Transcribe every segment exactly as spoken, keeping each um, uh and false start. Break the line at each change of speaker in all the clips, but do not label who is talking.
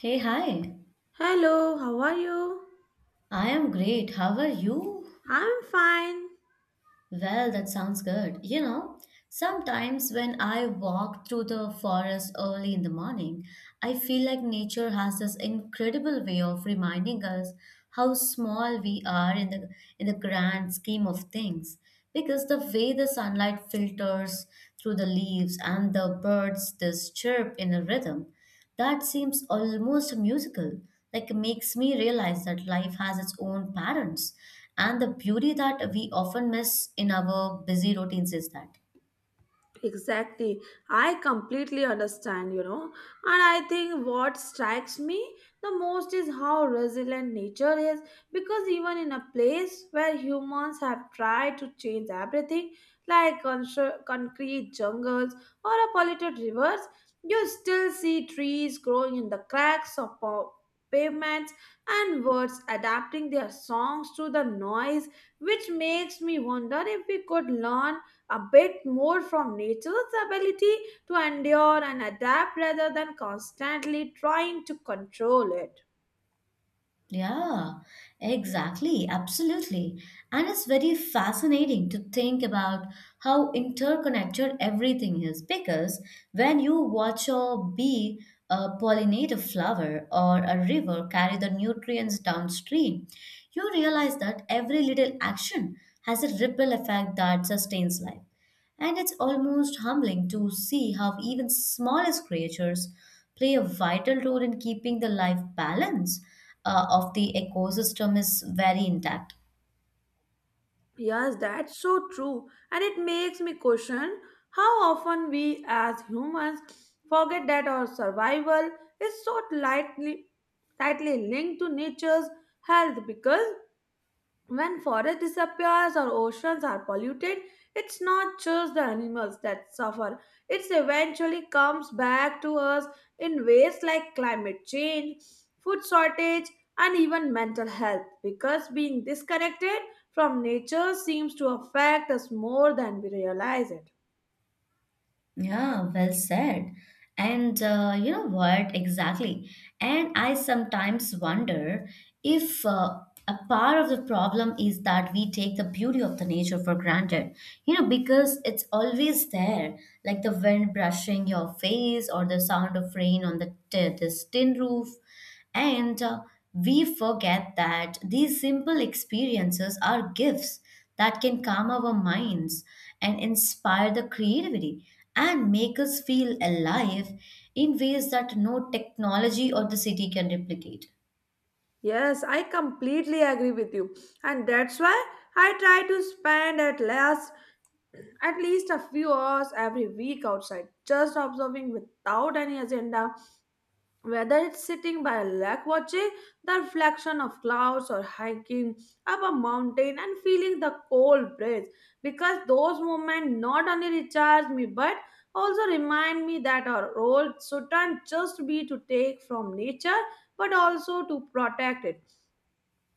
Hey, hi.
Hello, how are you?
I am great. How are you?
I'm fine.
Well, that sounds good. You know, sometimes when I walk through the forest early in the morning, I feel like nature has this incredible way of reminding us how small we are in the in the grand scheme of things. Because the way the sunlight filters through the leaves and the birds this chirp in a rhythm that seems almost musical, like makes me realize that life has its own patterns, and the beauty that we often miss in our busy routines is that.
Exactly. I completely understand, you know. And I think what strikes me the most is how resilient nature is because even in a place where humans have tried to change everything, like constru- concrete jungles or a polluted rivers, you still see trees growing in the cracks of pa- pavements and birds adapting their songs to the noise, which makes me wonder if we could learn a bit more from nature's ability to endure and adapt rather than constantly trying to control it.
Yeah, exactly, absolutely. And it's very fascinating to think about how interconnected everything is because when you watch a bee uh, pollinate a flower or a river carry the nutrients downstream, you realize that every little action has a ripple effect that sustains life. And it's almost humbling to see how even smallest creatures play a vital role in keeping the life balance uh, of the ecosystem is very intact.
Yes, that's so true. And it makes me question how often we as humans forget that our survival is so lightly, tightly linked to nature's health because when forest disappears or oceans are polluted, it's not just the animals that suffer. It eventually comes back to us in ways like climate change, food shortage, and even mental health because being disconnected from nature seems to affect us more than we realize it.
Yeah, well said. And uh, you know what? Exactly. And I sometimes wonder if uh, a part of the problem is that we take the beauty of the nature for granted, you know, because it's always there, like the wind brushing your face or the sound of rain on the t- this tin roof. And uh, We forget that these simple experiences are gifts that can calm our minds and inspire the creativity and make us feel alive in ways that no technology or the city can replicate.
Yes, I completely agree with you, and that's why I try to spend at least at least a few hours every week outside, just observing without any agenda, whether it's sitting by a lake watching the reflection of clouds or hiking up a mountain and feeling the cold breeze. Because those moments not only recharge me but also remind me that our role shouldn't just be to take from nature but also to protect it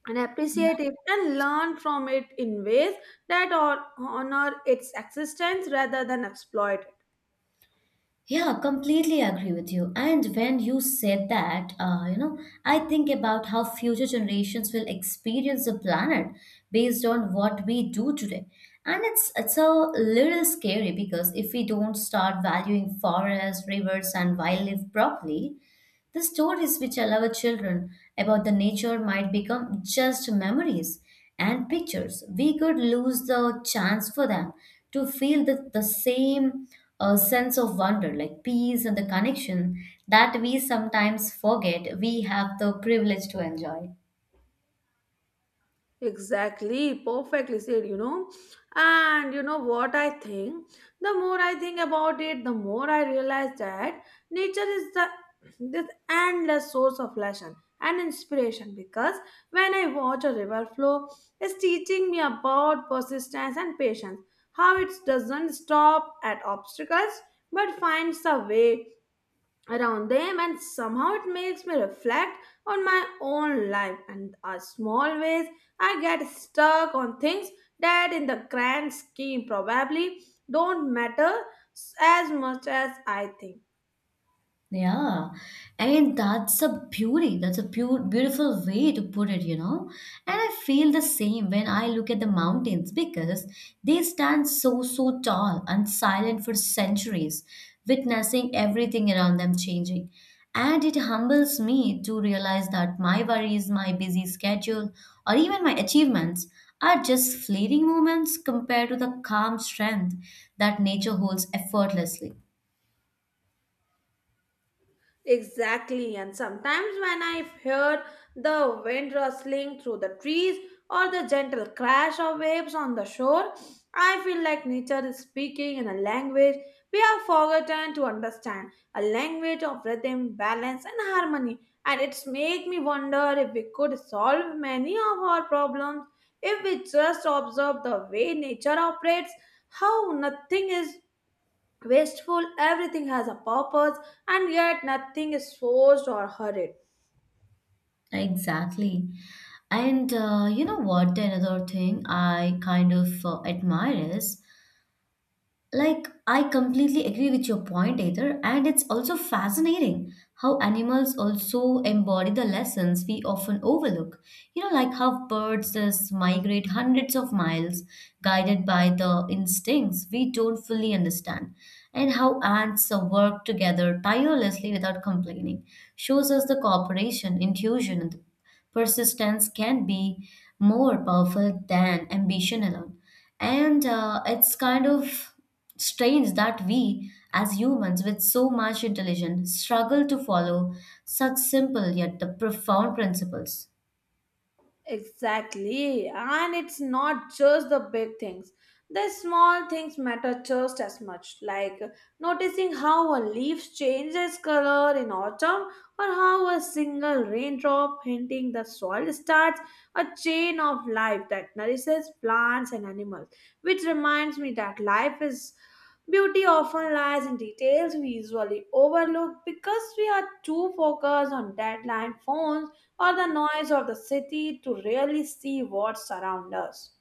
and appreciate it and learn from it in ways that or honor its existence rather than exploit.
Yeah, completely agree with you. And when you said that, uh, you know, I think about how future generations will experience the planet based on what we do today. And it's it's a little scary because if we don't start valuing forests, rivers, and wildlife properly, the stories we tell our children about the nature might become just memories and pictures. We could lose the chance for them to feel the, the same uh, sense of wonder, like peace and the connection that we sometimes forget we have the privilege to enjoy.
Exactly, perfectly said, you know. And you know what I think? The more I think about it, the more I realize that nature is the this endless source of lesson and inspiration because when I watch a river flow, it's teaching me about persistence and patience, how it doesn't stop at obstacles but finds a way around them, and somehow it makes me reflect on my own life and a small ways I get stuck on things that in the grand scheme probably don't matter s- as much as I think.
Yeah, and that's a beauty. That's a pure, beautiful way to put it, you know. And I feel the same when I look at the mountains because they stand so, so tall and silent for centuries, witnessing everything around them changing. And it humbles me to realize that my worries, my busy schedule, or even my achievements are just fleeting moments compared to the calm strength that nature holds effortlessly.
Exactly, and sometimes when I hear the wind rustling through the trees or the gentle crash of waves on the shore, I feel like nature is speaking in a language we have forgotten to understand, a language of rhythm, balance, and harmony. And it's make me wonder if we could solve many of our problems if we just observe the way nature operates, how nothing is wasteful, everything has a purpose, and yet nothing is forced or hurried.
Exactly. And uh, you know what? Another thing I kind of uh, admire is like, I completely agree with your point, Either, and it's also fascinating how animals also embody the lessons we often overlook. You know, like how birds just migrate hundreds of miles, guided by the instincts we don't fully understand, and how ants uh, work together tirelessly without complaining, shows us the cooperation, intuition, and persistence can be more powerful than ambition alone. And uh, It's kind of strange that we, as humans with so much intelligence, struggle to follow such simple yet the profound principles.
Exactly. And it's not just the big things. The small things matter just as much, like noticing how a leaf changes color in autumn or how a single raindrop hitting the soil starts a chain of life that nourishes plants and animals, which reminds me that life is beauty often lies in details we usually overlook because we are too focused on deadline phones or the noise of the city to really see what's around us.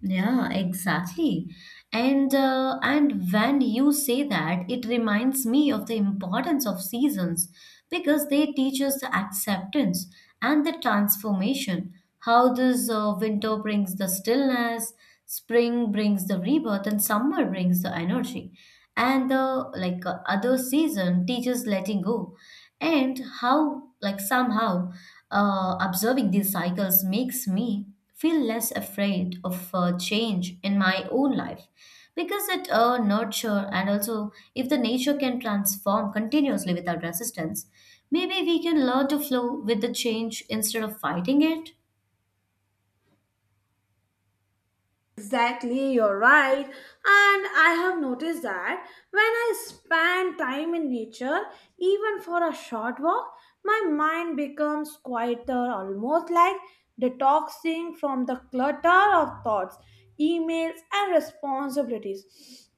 Yeah, exactly. And uh, and when you say that, it reminds me of the importance of seasons because they teach us the acceptance and the transformation. How this uh, winter brings the stillness, spring brings the rebirth, and summer brings the energy. And the like uh, other season teaches letting go, and how like somehow uh, observing these cycles makes me feel less afraid of uh, change in my own life because it uh, nurture and also if the nature can transform continuously without resistance maybe we can learn to flow with the change instead of fighting it.
Exactly, you're right. And I have noticed that when I spend time in nature, even for a short walk, my mind becomes quieter, almost like detoxing from the clutter of thoughts, emails, and responsibilities.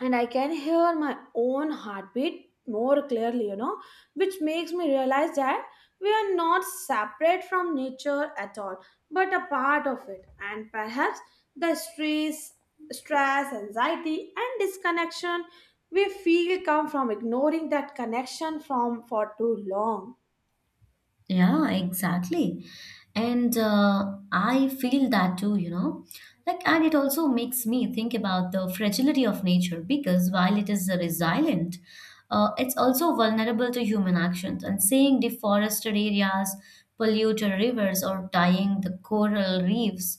And I can hear my own heartbeat more clearly, you know, which makes me realize that we are not separate from nature at all, but a part of it. And perhaps the stress, stress, anxiety, and disconnection we feel come from ignoring that connection from for too long.
Yeah, exactly. And uh, I feel that too, you know. Like, and it also makes me think about the fragility of nature because while it is resilient, uh, it's also vulnerable to human actions. And seeing deforested areas, polluted rivers, or dying the coral reefs,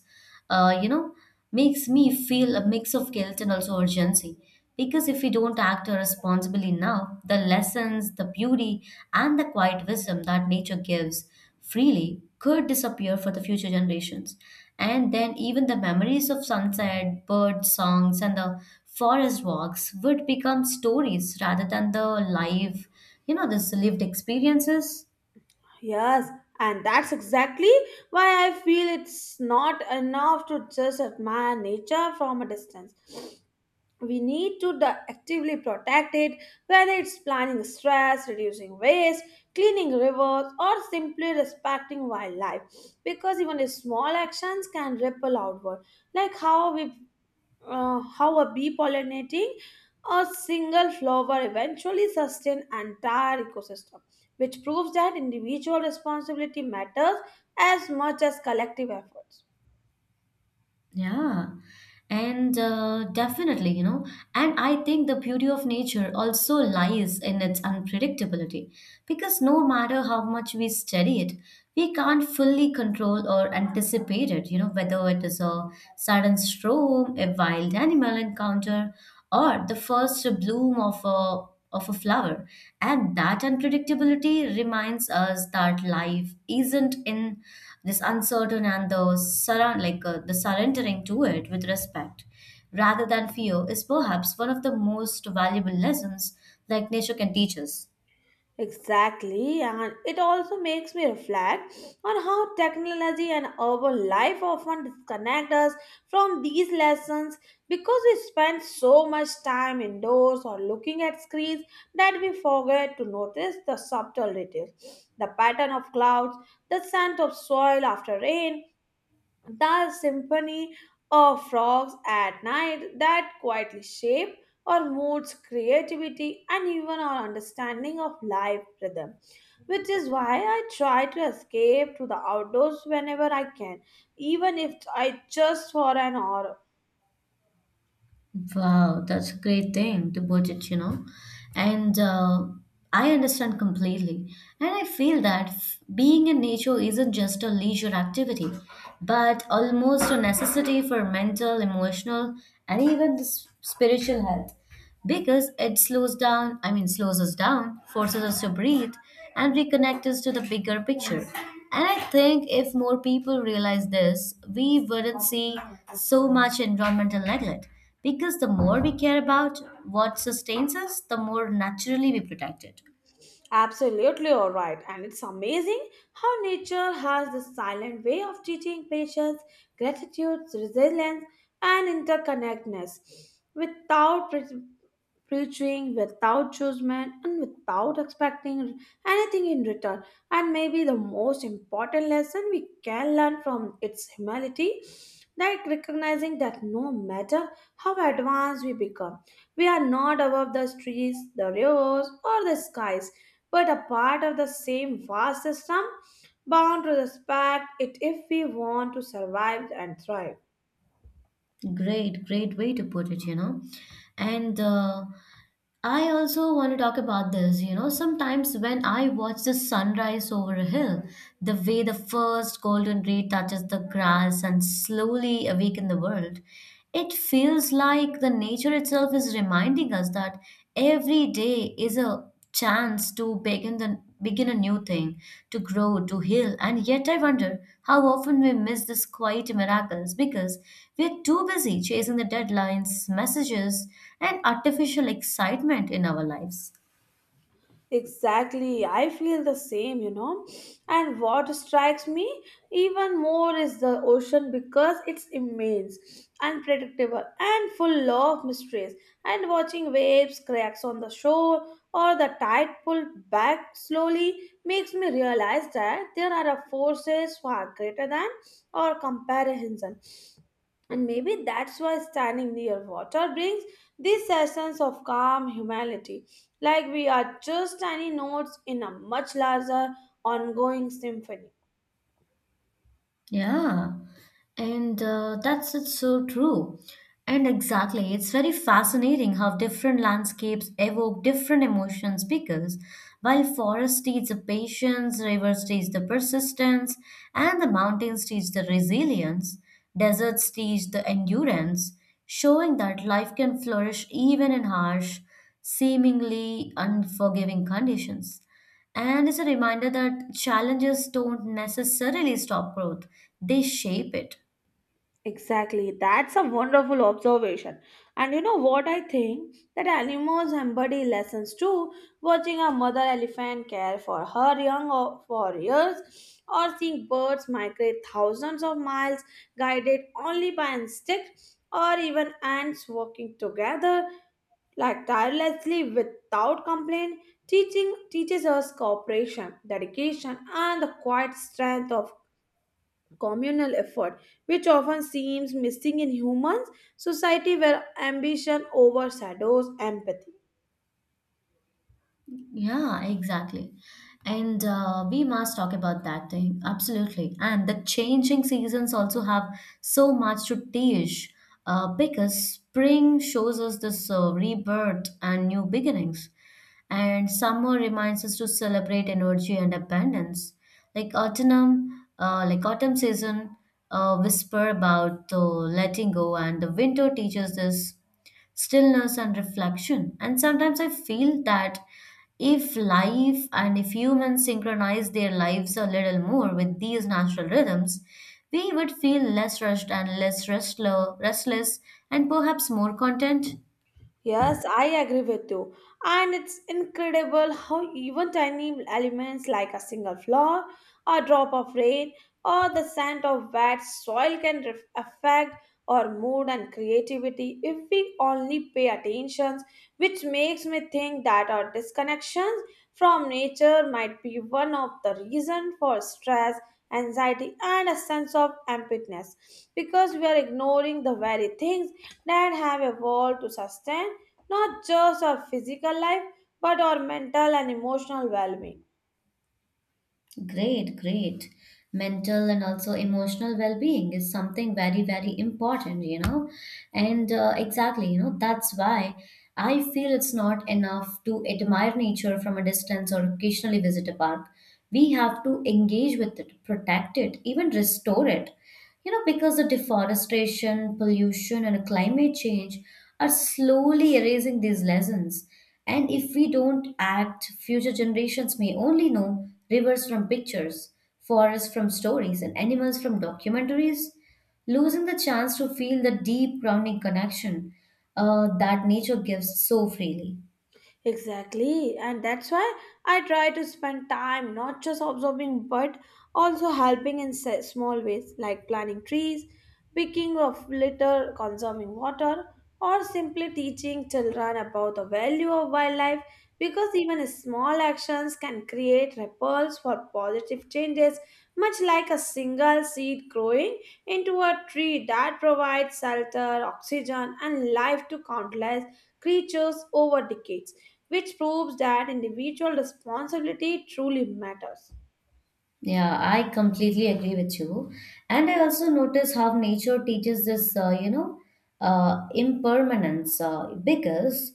uh, you know, makes me feel a mix of guilt and also urgency. Because if we don't act responsibly now, the lessons, the beauty, and the quiet wisdom that nature gives freely could disappear for the future generations. And then even the memories of sunset, bird songs, and the forest walks would become stories rather than the live, you know, this lived experiences.
Yes, and that's exactly why I feel it's not enough to just admire nature from a distance. We need to di- actively protect it, whether it's planning stress, reducing waste, cleaning rivers, or simply respecting wildlife. Because even small actions can ripple outward, like how we, uh, how a bee pollinating a single flower eventually sustain entire ecosystem, which proves that individual responsibility matters as much as collective efforts.
Yeah, and uh, definitely, you know, and I think the beauty of nature also lies in its unpredictability because no matter how much we study it, we can't fully control or anticipate it, you know, whether it is a sudden storm, a wild animal encounter, or the first bloom of a of a flower. And that unpredictability reminds us that life isn't in this uncertain and the surround like uh, the surrendering to it with respect rather than fear is perhaps one of the most valuable lessons like nature can teach us.
Exactly, and it also makes me reflect on how technology and urban life often disconnect us from these lessons because we spend so much time indoors or looking at screens that we forget to notice the subtle details, the pattern of clouds, the scent of soil after rain, the symphony of frogs at night that quietly shape our moods, creativity, and even our understanding of life rhythm. Which is why I try to escape to the outdoors whenever I can, even if I just for an hour.
Wow, that's a great thing to budget, you know. And uh, I understand completely. And I feel that f- being in nature isn't just a leisure activity, but almost a necessity for mental, emotional, and even the s- spiritual health because it slows down, I mean, slows us down, forces us to breathe, and reconnect us to the bigger picture. And I think if more people realize this, we wouldn't see so much environmental neglect because the more we care about what sustains us, the more naturally we protect it.
Absolutely, all right, and it's amazing how nature has this silent way of teaching patience, gratitude, resilience, and interconnectedness without pre- preaching, without judgment, and without expecting anything in return. And maybe the most important lesson we can learn from its humility, like recognizing that no matter how advanced we become, we are not above the trees, the rivers, or the skies, but a part of the same vast system, bound to respect it if we want to survive and thrive.
Great, great way to put it, you know. And uh, I also want to talk about this. You know, sometimes when I watch the sunrise over a hill, the way the first golden ray touches the grass and slowly awaken the world, it feels like the nature itself is reminding us that every day is a chance to begin the begin a new thing, to grow, to heal. And yet I wonder how often we miss these quiet miracles because we're too busy chasing the deadlines, messages, and artificial excitement in our lives.
Exactly, I feel the same, you know. And what strikes me even more is the ocean because it's immense, unpredictable, and full of mysteries. And watching waves cracks on the shore or the tide pull back slowly makes me realize that there are forces far greater than our comparison. And maybe that's why standing near water brings this essence of calm humanity, like we are just tiny notes in a much larger ongoing symphony.
Yeah, and uh, that's it's so true. And exactly, it's very fascinating how different landscapes evoke different emotions because while forest teach the patience, rivers teach the persistence, and the mountains teach the resilience, deserts teach the endurance, showing that life can flourish even in harsh, seemingly unforgiving conditions. And it's a reminder that challenges don't necessarily stop growth, they shape it.
Exactly, that's a wonderful observation. And you know what I think? That animals embody lessons too, watching a mother elephant care for her young o- for years, or seeing birds migrate thousands of miles guided only by instinct, or even ants working together like tirelessly without complaint, teaching teaches us cooperation, dedication, and the quiet strength of communal effort, which often seems missing in humans society where ambition overshadows empathy.
Yeah, exactly. And uh, We must talk about that thing. Absolutely. And the changing seasons also have so much to teach uh, because spring shows us this uh, rebirth and new beginnings. And summer reminds us to celebrate energy and abundance. Like autumn, uh, like autumn season, uh, whisper about uh, letting go, and the winter teaches this stillness, and reflection. And sometimes I feel that if life and if humans synchronize their lives a little more with these natural rhythms, we would feel less rushed and less restless, restless and perhaps more content.
Yes, I agree with you. And it's incredible how even tiny elements like a single flower, a drop of rain, or the scent of wet soil can ref- affect our mood and creativity if we only pay attention, which makes me think that our disconnections from nature might be one of the reasons for stress, anxiety, and a sense of emptiness because we are ignoring the very things that have evolved to sustain not just our physical life but our mental and emotional well being.
Great, great. Mental and also emotional well being is something very, very important, you know. And uh, exactly, you know, that's why I feel it's not enough to admire nature from a distance or occasionally visit a park. We have to engage with it, protect it, even restore it, you know, because the deforestation, pollution, and climate change are slowly erasing these lessons. And if we don't act, future generations may only know rivers from pictures, forests from stories, and animals from documentaries, losing the chance to feel the deep grounding connection uh, that nature gives so freely.
Exactly, and that's why I try to spend time not just observing but also helping in se- small ways like planting trees, picking of litter, conserving water, or simply teaching children about the value of wildlife, because even small actions can create ripples for positive changes, much like a single seed growing into a tree that provides shelter, oxygen, and life to countless creatures over decades, which proves that individual responsibility truly matters.
Yeah, I completely agree with you. And I also notice how nature teaches this, uh, you know, uh, impermanence uh, because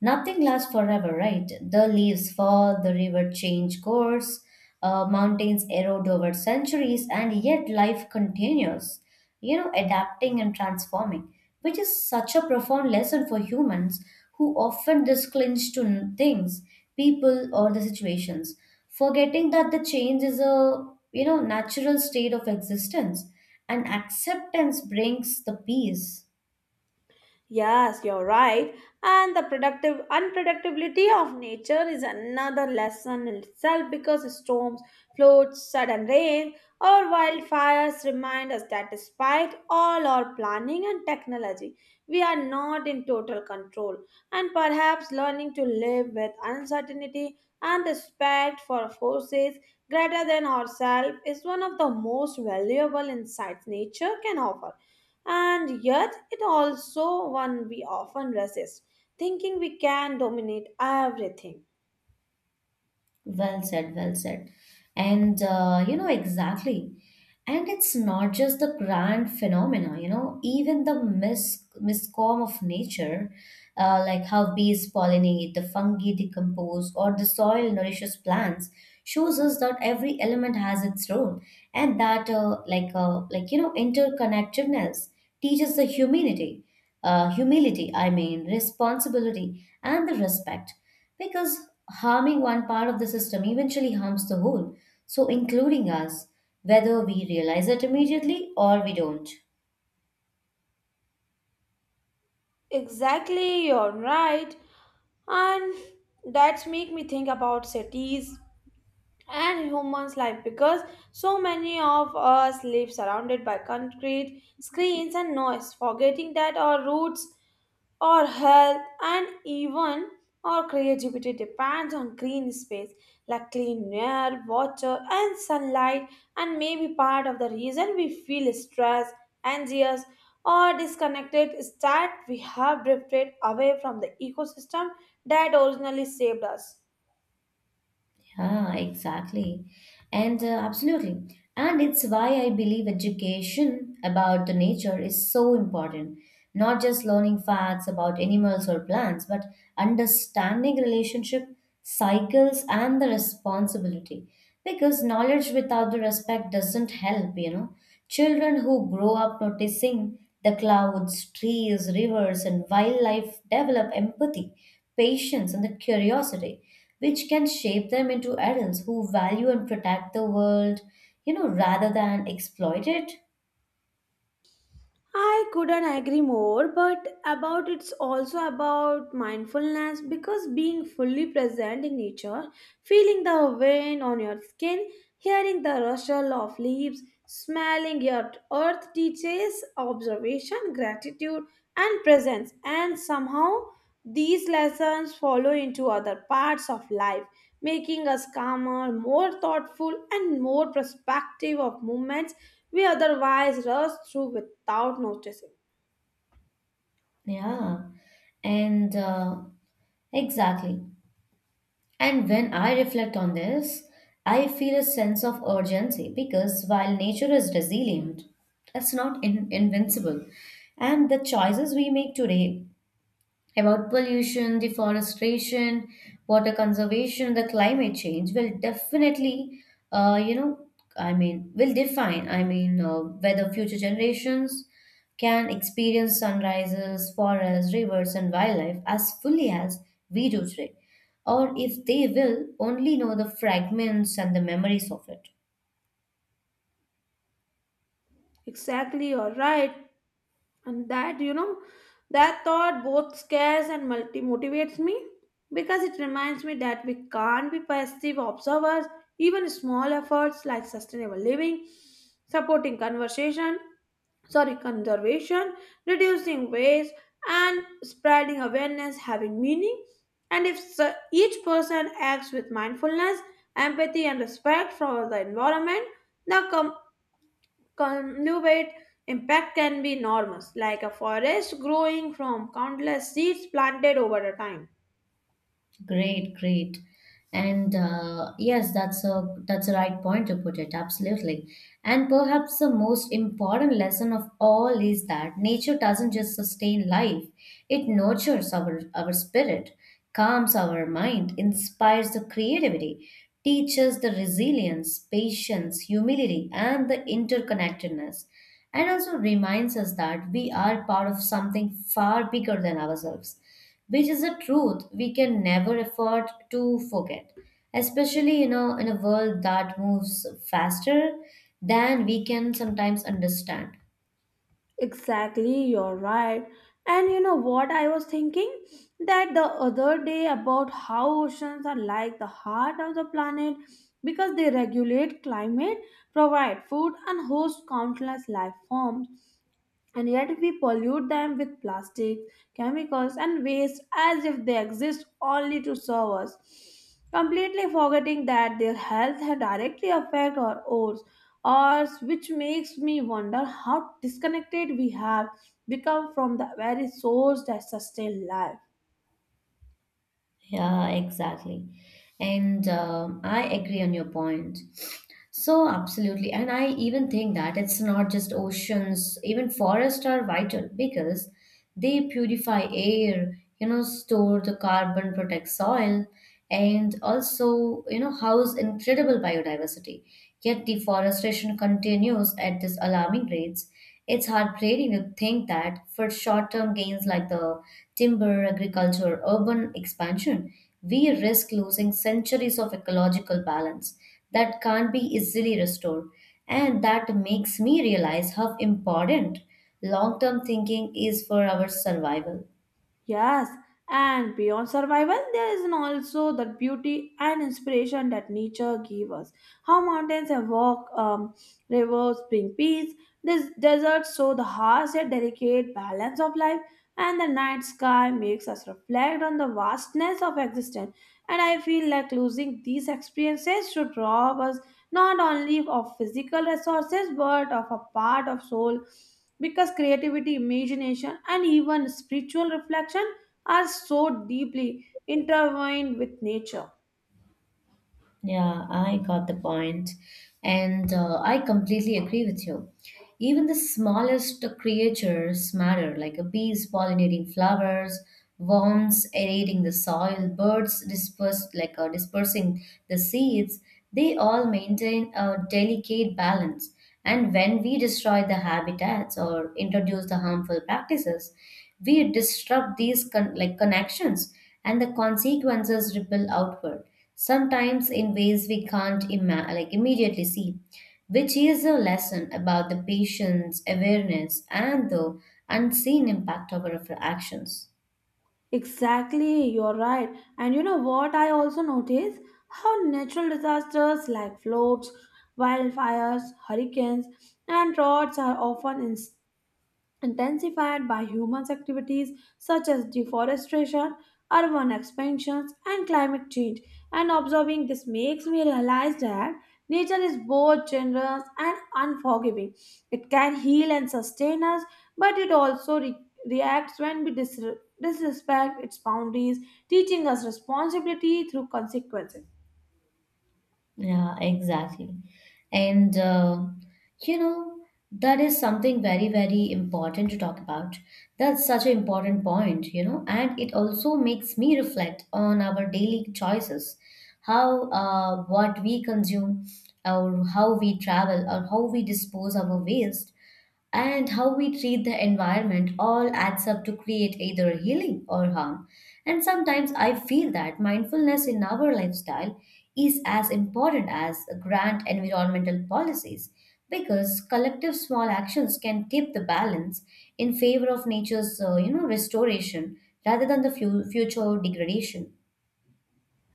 nothing lasts forever, right? The leaves fall, the river change course, uh, mountains erode over centuries, and yet life continues, you know, adapting and transforming, which is such a profound lesson for humans who often just clinch to n- things, people, or the situations, forgetting that the change is a, you know, natural state of existence and acceptance brings the peace.
Yes, you're right. And the productive unpredictability of nature is another lesson in itself because storms, floods, sudden rain, or wildfires remind us that despite all our planning and technology, we are not in total control. And perhaps learning to live with uncertainty and respect for forces greater than ourselves is one of the most valuable insights nature can offer, and yet, it also one we often resist, thinking we can dominate everything.
Well said, well said. And uh, you know, exactly. And it's not just the grand phenomena, you know, even the mis miscom of nature, uh, like how bees pollinate, the fungi decompose, or the soil nourishes plants, shows us that every element has its role and that uh, like uh, like you know interconnectedness teaches the humility, uh, humility i mean responsibility and the respect because harming one part of the system eventually harms the whole, so including us, whether we realize it immediately or we don't.
Exactly, you're right. And that's make me think about cities and humans life because so many of us live surrounded by concrete, screens and noise, forgetting that our roots, our health and even our creativity depends on green space like clean air, water, and sunlight, and may be part of the reason we feel stressed, anxious, or disconnected is that we have drifted away from the ecosystem that originally saved us.
Yeah, exactly. And uh, Absolutely. And it's why I believe education about the nature is so important. Not just learning facts about animals or plants, but understanding relationship, cycles, and the responsibility. Because knowledge without the respect doesn't help, you know. Children who grow up noticing the clouds, trees, rivers, and wildlife develop empathy, patience, and the curiosity which can shape them into adults who value and protect the world, you know, rather than exploit it.
I couldn't agree more, but about it's also about mindfulness because being fully present in nature, feeling the wind on your skin, hearing the rustle of leaves, smelling your earth teaches observation, gratitude, and presence, and somehow these lessons follow into other parts of life, making us calmer, more thoughtful, and more perspective of movements we otherwise rush through without noticing.
Yeah, and uh, exactly. And when I reflect on this, I feel a sense of urgency because while nature is resilient, it's not in- invincible. And the choices we make today about pollution, deforestation, water conservation, the climate change will definitely, uh, you know, I mean, will define, I mean, uh, whether future generations can experience sunrises, forests, rivers, and wildlife as fully as we do today, or if they will only know the fragments and the memories of it.
Exactly, you're right. And that, you know, that thought both scares and multi motivates me because it reminds me that we can't be passive observers. Even small efforts like sustainable living, supporting conversation, sorry conservation, reducing waste and spreading awareness having meaning, and if so- each person acts with mindfulness, empathy and respect for the environment, the com- cumulative impact can be enormous, like a forest growing from countless seeds planted over a time.
Great, great. And uh, Yes, that's a that's a right point to put it, absolutely. And perhaps the most important lesson of all is that nature doesn't just sustain life, it nurtures our our spirit, calms our mind, inspires the creativity, teaches the resilience, patience, humility, and the interconnectedness, and also reminds us that we are part of something far bigger than ourselves, which is a truth we can never afford to forget, especially you know in a world that moves faster than we can sometimes understand.
Exactly, you're right. And you know what I was thinking? That the other day about how oceans are like the heart of the planet because they regulate climate, provide food, and host countless life forms, and yet we pollute them with plastics, chemicals, and waste as if they exist only to serve us, completely forgetting that their health directly affect our ours, ours, which makes me wonder how disconnected we have become from the very source that sustains life.
Yeah, exactly. and um, I agree on your point, so absolutely. And I even think that it's not just oceans, even forests are vital because they purify air, you know store the carbon, protect soil, and also you know house incredible biodiversity, yet deforestation continues at this alarming rates. It's heartbreaking to think that for short-term gains like the timber, agriculture, urban expansion, we risk losing centuries of ecological balance that can't be easily restored. And that makes me realize how important long-term thinking is for our survival.
Yes, and beyond survival, there is an also the beauty and inspiration that nature gives us. How mountains evoke um, rivers bring peace, this deserts show the harsh yet delicate balance of life, and the night sky makes us reflect on the vastness of existence. And I feel like losing these experiences should rob us not only of physical resources but of a part of soul because creativity, imagination, and even spiritual reflection are so deeply intertwined with nature.
Yeah, I got the point. And uh, I completely agree with you. Even the smallest creatures matter, like a bees pollinating flowers, worms aerating the soil, birds disperse, like uh, dispersing the seeds. They all maintain a delicate balance. And when we destroy the habitats or introduce the harmful practices, we disrupt these con- like connections, and the consequences ripple outward sometimes in ways we can't ima- like immediately see, which is a lesson about the patient's awareness and the unseen impact of our actions.
Exactly, you're right. And you know what I also notice? How natural disasters like floods, wildfires, hurricanes, and droughts are often intensified by human activities such as deforestation, urban expansions, and climate change. And observing this makes me realize that nature is both generous and unforgiving. It can heal and sustain us, but it also re- reacts when we dis- disrespect its boundaries, teaching us responsibility through consequences.
Yeah, exactly. And uh, you know, that is something very, very important to talk about. That's such an important point, you know, and it also makes me reflect on our daily choices, how uh, what we consume, or how we travel, or how we dispose our waste, and how we treat the environment all adds up to create either healing or harm. And sometimes I feel that mindfulness in our lifestyle is as important as grand environmental policies, because collective small actions can tip the balance in favor of nature's uh, you know restoration rather than the fu- future degradation.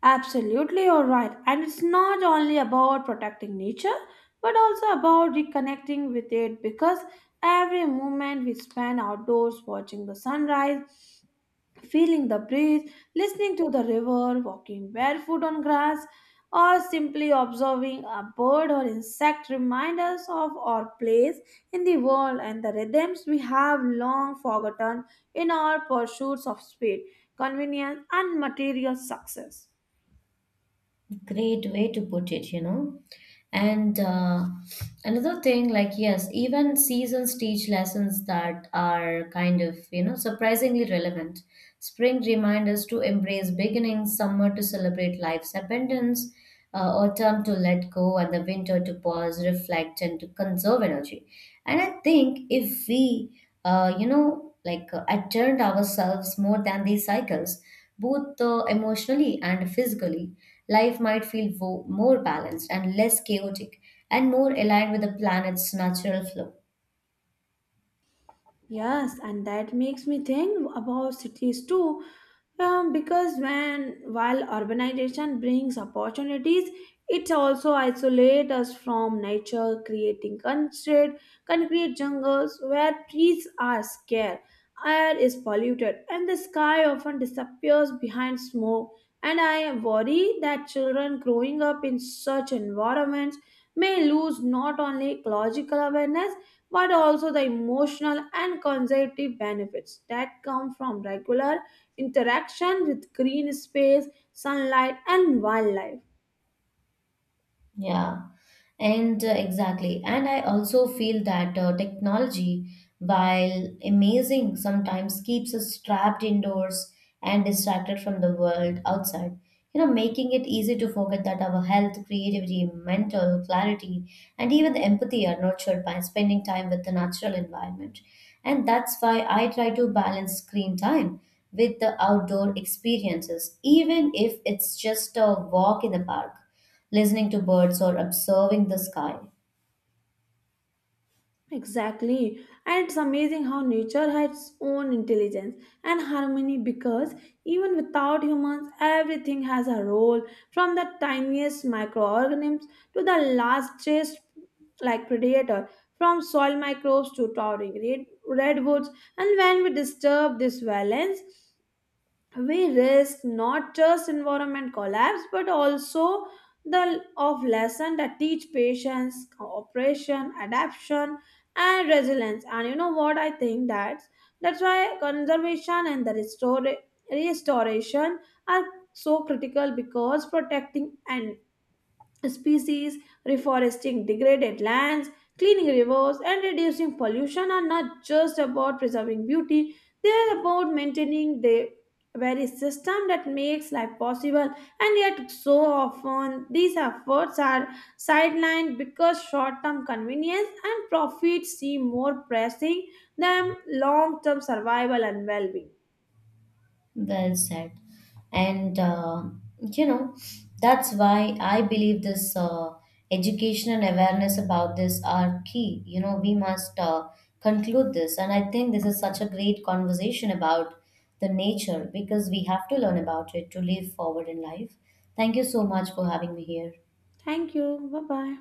Absolutely, you're right. And it's not only about protecting nature, but also about reconnecting with it because every moment we spend outdoors watching the sunrise, feeling the breeze, listening to the river, walking barefoot on grass, or simply observing a bird or insect remind us of our place in the world and the rhythms we have long forgotten in our pursuits of speed, convenience, and material success.
Great way to put it, you know. And uh, Another thing, like, yes, even seasons teach lessons that are kind of, you know, surprisingly relevant. Spring reminds us to embrace beginnings, summer to celebrate life's abundance, uh, autumn to let go, and the winter to pause, reflect, and to conserve energy. And I think if we, uh, you know, like uh, attend ourselves more than these cycles, both uh, emotionally and physically, life might feel wo- more balanced and less chaotic and more aligned with the planet's natural flow.
Yes, and that makes me think about cities too. Um, because when while urbanization brings opportunities, it also isolates us from nature, creating concrete, concrete jungles where trees are scarce, air is polluted, and the sky often disappears behind smoke. And I worry that children growing up in such environments may lose not only ecological awareness but also the emotional and cognitive benefits that come from regular interaction with green space, sunlight, and wildlife.
Yeah, and uh, exactly. And I also feel that uh, technology, while amazing, sometimes keeps us trapped indoors and distracted from the world outside, you know, making it easy to forget that our health, creativity, mental clarity, and even the empathy are nurtured by spending time with the natural environment. And that's why I try to balance screen time with the outdoor experiences, even if it's just a walk in the park, listening to birds or observing the sky.
Exactly, and it's amazing how nature has its own intelligence and harmony because even without humans, everything has a role, from the tiniest microorganisms to the largest like predator, from soil microbes to towering red- redwoods, and when we disturb this balance we risk not just environment collapse but also the of lesson that teach patience, cooperation, adaptation, and resilience. And you know what I think? that's that's why conservation and the restore, restoration are so critical, because protecting and species, reforesting degraded lands, cleaning rivers, and reducing pollution are not just about preserving beauty, they are about maintaining the very system that makes life possible. And yet, so often, these efforts are sidelined because short term convenience and profit seem more pressing than long term survival and well being.
Well said. And, uh, you know, that's why I believe this uh, education and awareness about this are key. You know, we must uh, conclude this. And I think this is such a great conversation about the nature because we have to learn about it to live forward in life. Thank you so much for having me here.
Thank you. Bye bye.